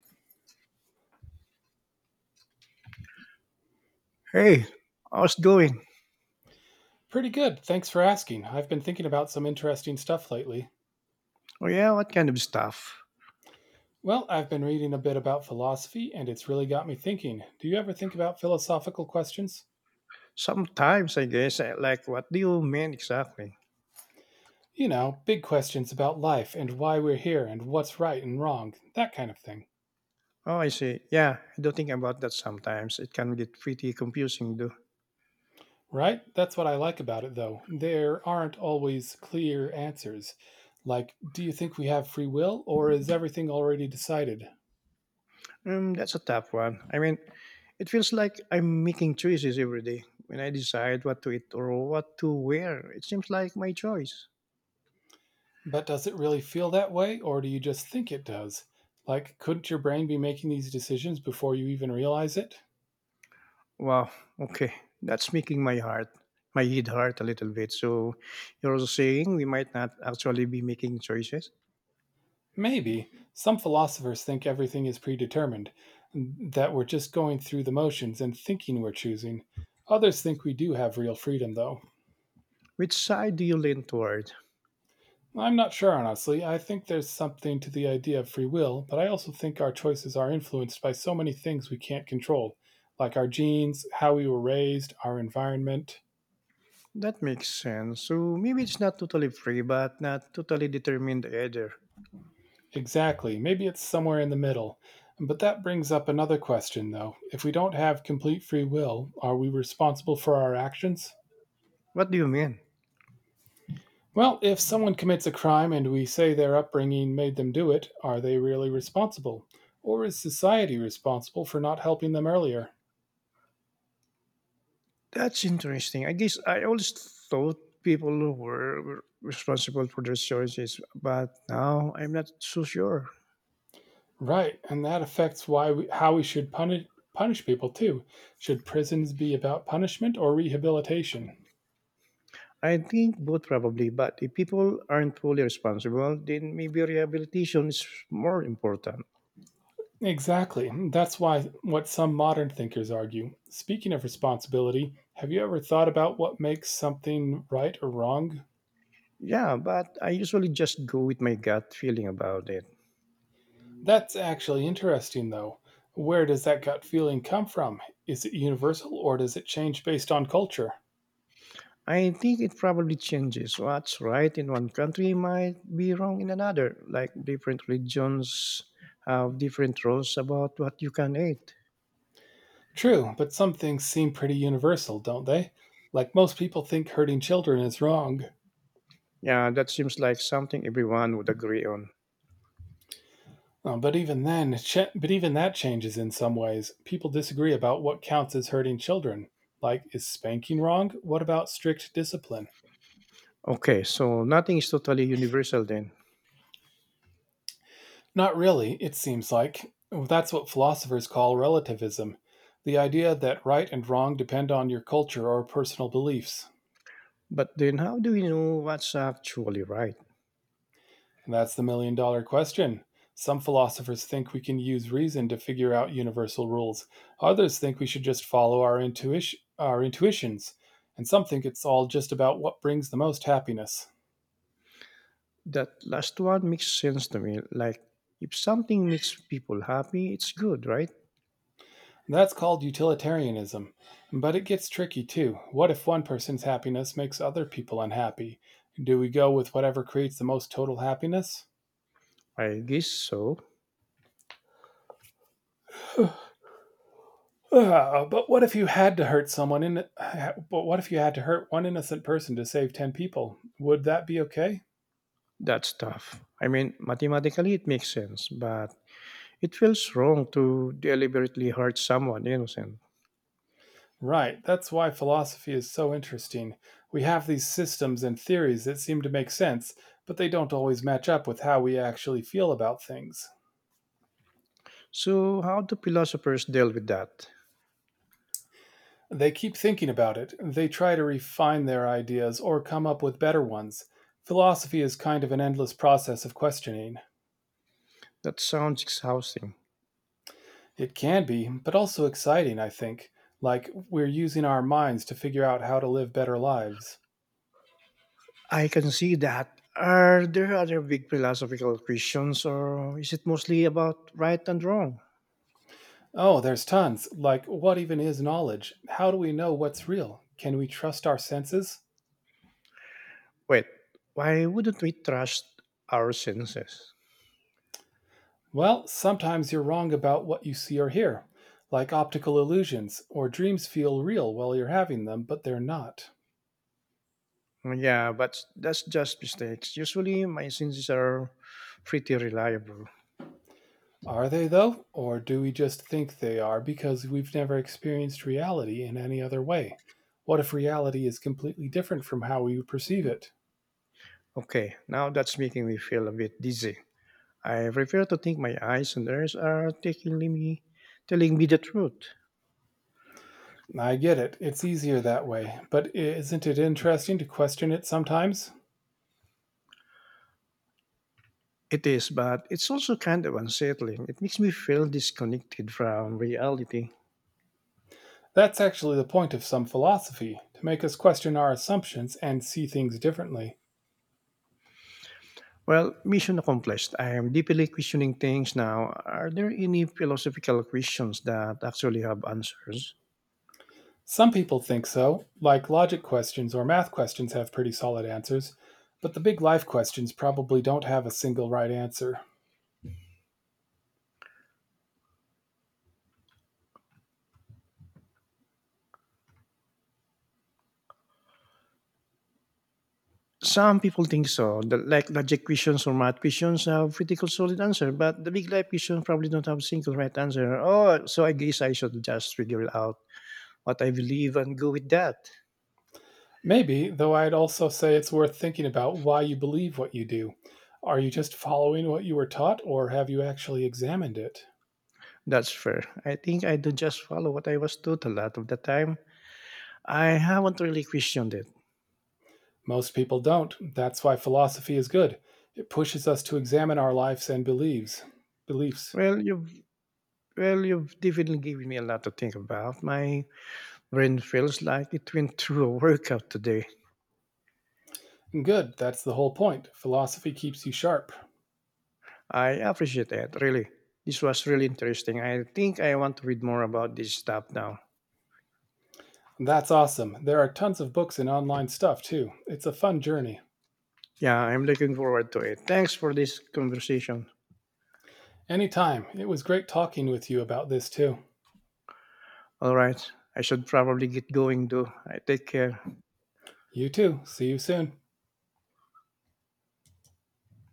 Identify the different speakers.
Speaker 1: Hey, how's doing?
Speaker 2: Pretty good. Thanks for asking. I've been thinking about some interesting stuff lately.
Speaker 1: Oh yeah, what kind of stuff?
Speaker 2: Well, I've been reading a bit about philosophy, and it's really got me thinking. Do you ever think about philosophical questions?
Speaker 1: Sometimes I guess. Like, what do you mean exactly?
Speaker 2: You know, big questions about life and why we're here and what's right and wrong, that kind of thing.
Speaker 1: Oh, I see. Yeah, I do think about that sometimes. It can get pretty confusing, though.
Speaker 2: Right? That's what I like about it, though. There aren't always clear answers. Like, do you think we have free will, or is everything already decided?
Speaker 1: That's a tough one. I mean, it feels like I'm making choices every day when I decide what to eat or what to wear. It seems like my choice.
Speaker 2: But does it really feel that way, or do you just think it does? Like, couldn't your brain be making these decisions before you even realize it?
Speaker 1: Wow. Okay, that's making my my head hurt a little bit. So, you're also saying we might not actually be making choices?
Speaker 2: Maybe. Some philosophers think everything is predetermined, that we're just going through the motions and thinking we're choosing. Others think we do have real freedom, though.
Speaker 1: Which side do you lean toward?
Speaker 2: I'm not sure, honestly. I think there's something to the idea of free will, but I also think our choices are influenced by so many things we can't control, like our genes, how we were raised, our environment.
Speaker 1: That makes sense. So maybe it's not totally free, but not totally determined either.
Speaker 2: Exactly. Maybe it's somewhere in the middle. But that brings up another question, though. If we don't have complete free will, are we responsible for our actions?
Speaker 1: What do you mean?
Speaker 2: Well, if someone commits a crime and we say their upbringing made them do it, are they really responsible? Or is society responsible for not helping them earlier?
Speaker 1: That's interesting. I guess I always thought people were responsible for their choices, but now I'm not so sure.
Speaker 2: Right, and that affects how we should punish people too. Should prisons be about punishment or rehabilitation?
Speaker 1: I think both probably, but if people aren't fully responsible, then maybe rehabilitation is more important.
Speaker 2: Exactly. That's why what some modern thinkers argue. Speaking of responsibility, have you ever thought about what makes something right or wrong?
Speaker 1: Yeah, but I usually just go with my gut feeling about it.
Speaker 2: That's actually interesting though. Where does that gut feeling come from? Is it universal or does it change based on culture?
Speaker 1: I think it probably changes. What's right in one country might be wrong in another. Like different regions have different rules about what you can eat.
Speaker 2: True, but some things seem pretty universal, don't they? Like most people think hurting children is wrong.
Speaker 1: Yeah, that seems like something everyone would agree on.
Speaker 2: Um, but even then, but even that changes in some ways. People disagree about what counts as hurting children. Like, is spanking wrong? What about strict discipline?
Speaker 1: Okay, so nothing is totally universal then.
Speaker 2: Not really, it seems like. That's what philosophers call relativism, the idea that right and wrong depend on your culture or personal beliefs.
Speaker 1: But then how do we know what's actually right?
Speaker 2: That's the million dollar question. Some philosophers think we can use reason to figure out universal rules. Others think we should just follow our intuitions, and some think it's all just about what brings the most happiness.
Speaker 1: That last one makes sense to me. Like if something makes people happy, it's good, right?
Speaker 2: That's called utilitarianism. But it gets tricky too. What if one person's happiness makes other people unhappy? Do we go with whatever creates the most total happiness?
Speaker 1: I guess so.
Speaker 2: Ah, but what if you had to hurt someone in but what if you had to hurt one innocent person to save 10 people? Would that be okay?
Speaker 1: That's tough. I mean, mathematically it makes sense, but it feels wrong to deliberately hurt someone innocent.
Speaker 2: Right. That's why philosophy is so interesting. We have these systems and theories that seem to make sense, but they don't always match up with how we actually feel about things.
Speaker 1: So, how do philosophers deal with that?
Speaker 2: They keep thinking about it, they try to refine their ideas or come up with better ones. Philosophy is kind of an endless process of questioning.
Speaker 1: That sounds exhausting.
Speaker 2: It can be, but also exciting, I think. Like, we're using our minds to figure out how to live better lives.
Speaker 1: I can see that. Are there other big philosophical questions, or is it mostly about right and wrong?
Speaker 2: Oh, there's tons. Like, what even is knowledge? How do we know what's real? Can we trust our senses?
Speaker 1: Wait, why wouldn't we trust our senses?
Speaker 2: Well, sometimes you're wrong about what you see or hear, like optical illusions, or dreams feel real while you're having them, but they're not.
Speaker 1: Yeah, but that's just mistakes. Usually, my senses are pretty reliable.
Speaker 2: Are they, though? Or do we just think they are because we've never experienced reality in any other way? What if reality is completely different from how we perceive it?
Speaker 1: Okay, now that's making me feel a bit dizzy. I prefer to think my eyes and ears are taking me, telling me the truth.
Speaker 2: I get it, it's easier that way, but isn't it interesting to question it sometimes?
Speaker 1: It is, but it's also kind of unsettling. It makes me feel disconnected from reality.
Speaker 2: That's actually the point of some philosophy, to make us question our assumptions and see things differently.
Speaker 1: Well, mission accomplished. I am deeply questioning things now. Are there any philosophical questions that actually have answers?
Speaker 2: Some people think so, like logic questions or math questions have pretty solid answers, but the big life questions probably don't have a single right answer.
Speaker 1: Some people think so. The, like logic questions or math questions have pretty solid answer, but the big life questions probably don't have single right answer. Oh, so I guess I should just figure it out what I believe and go with that.
Speaker 2: Maybe, though I'd also say it's worth thinking about why you believe what you do. Are you just following what you were taught, or have you actually examined it?
Speaker 1: That's fair. I think I do just follow what I was taught a lot of the time. I haven't really questioned it.
Speaker 2: Most people don't. That's why philosophy is good. It pushes us to examine our lives and beliefs. Beliefs.
Speaker 1: Well, you've well, you've definitely given me a lot to think about. My brain feels like it went through a workout today.
Speaker 2: Good, that's the whole point. Philosophy keeps you sharp.
Speaker 1: I appreciate that, really. This was really interesting. I think I want to read more about this stuff now.
Speaker 2: That's awesome. There are tons of books and online stuff too. It's a fun journey.
Speaker 1: Yeah, I'm looking forward to it. Thanks for this conversation.
Speaker 2: Anytime. It was great talking with you about this too.
Speaker 1: All right, I should probably get going though. I take care.
Speaker 2: You too. See you soon.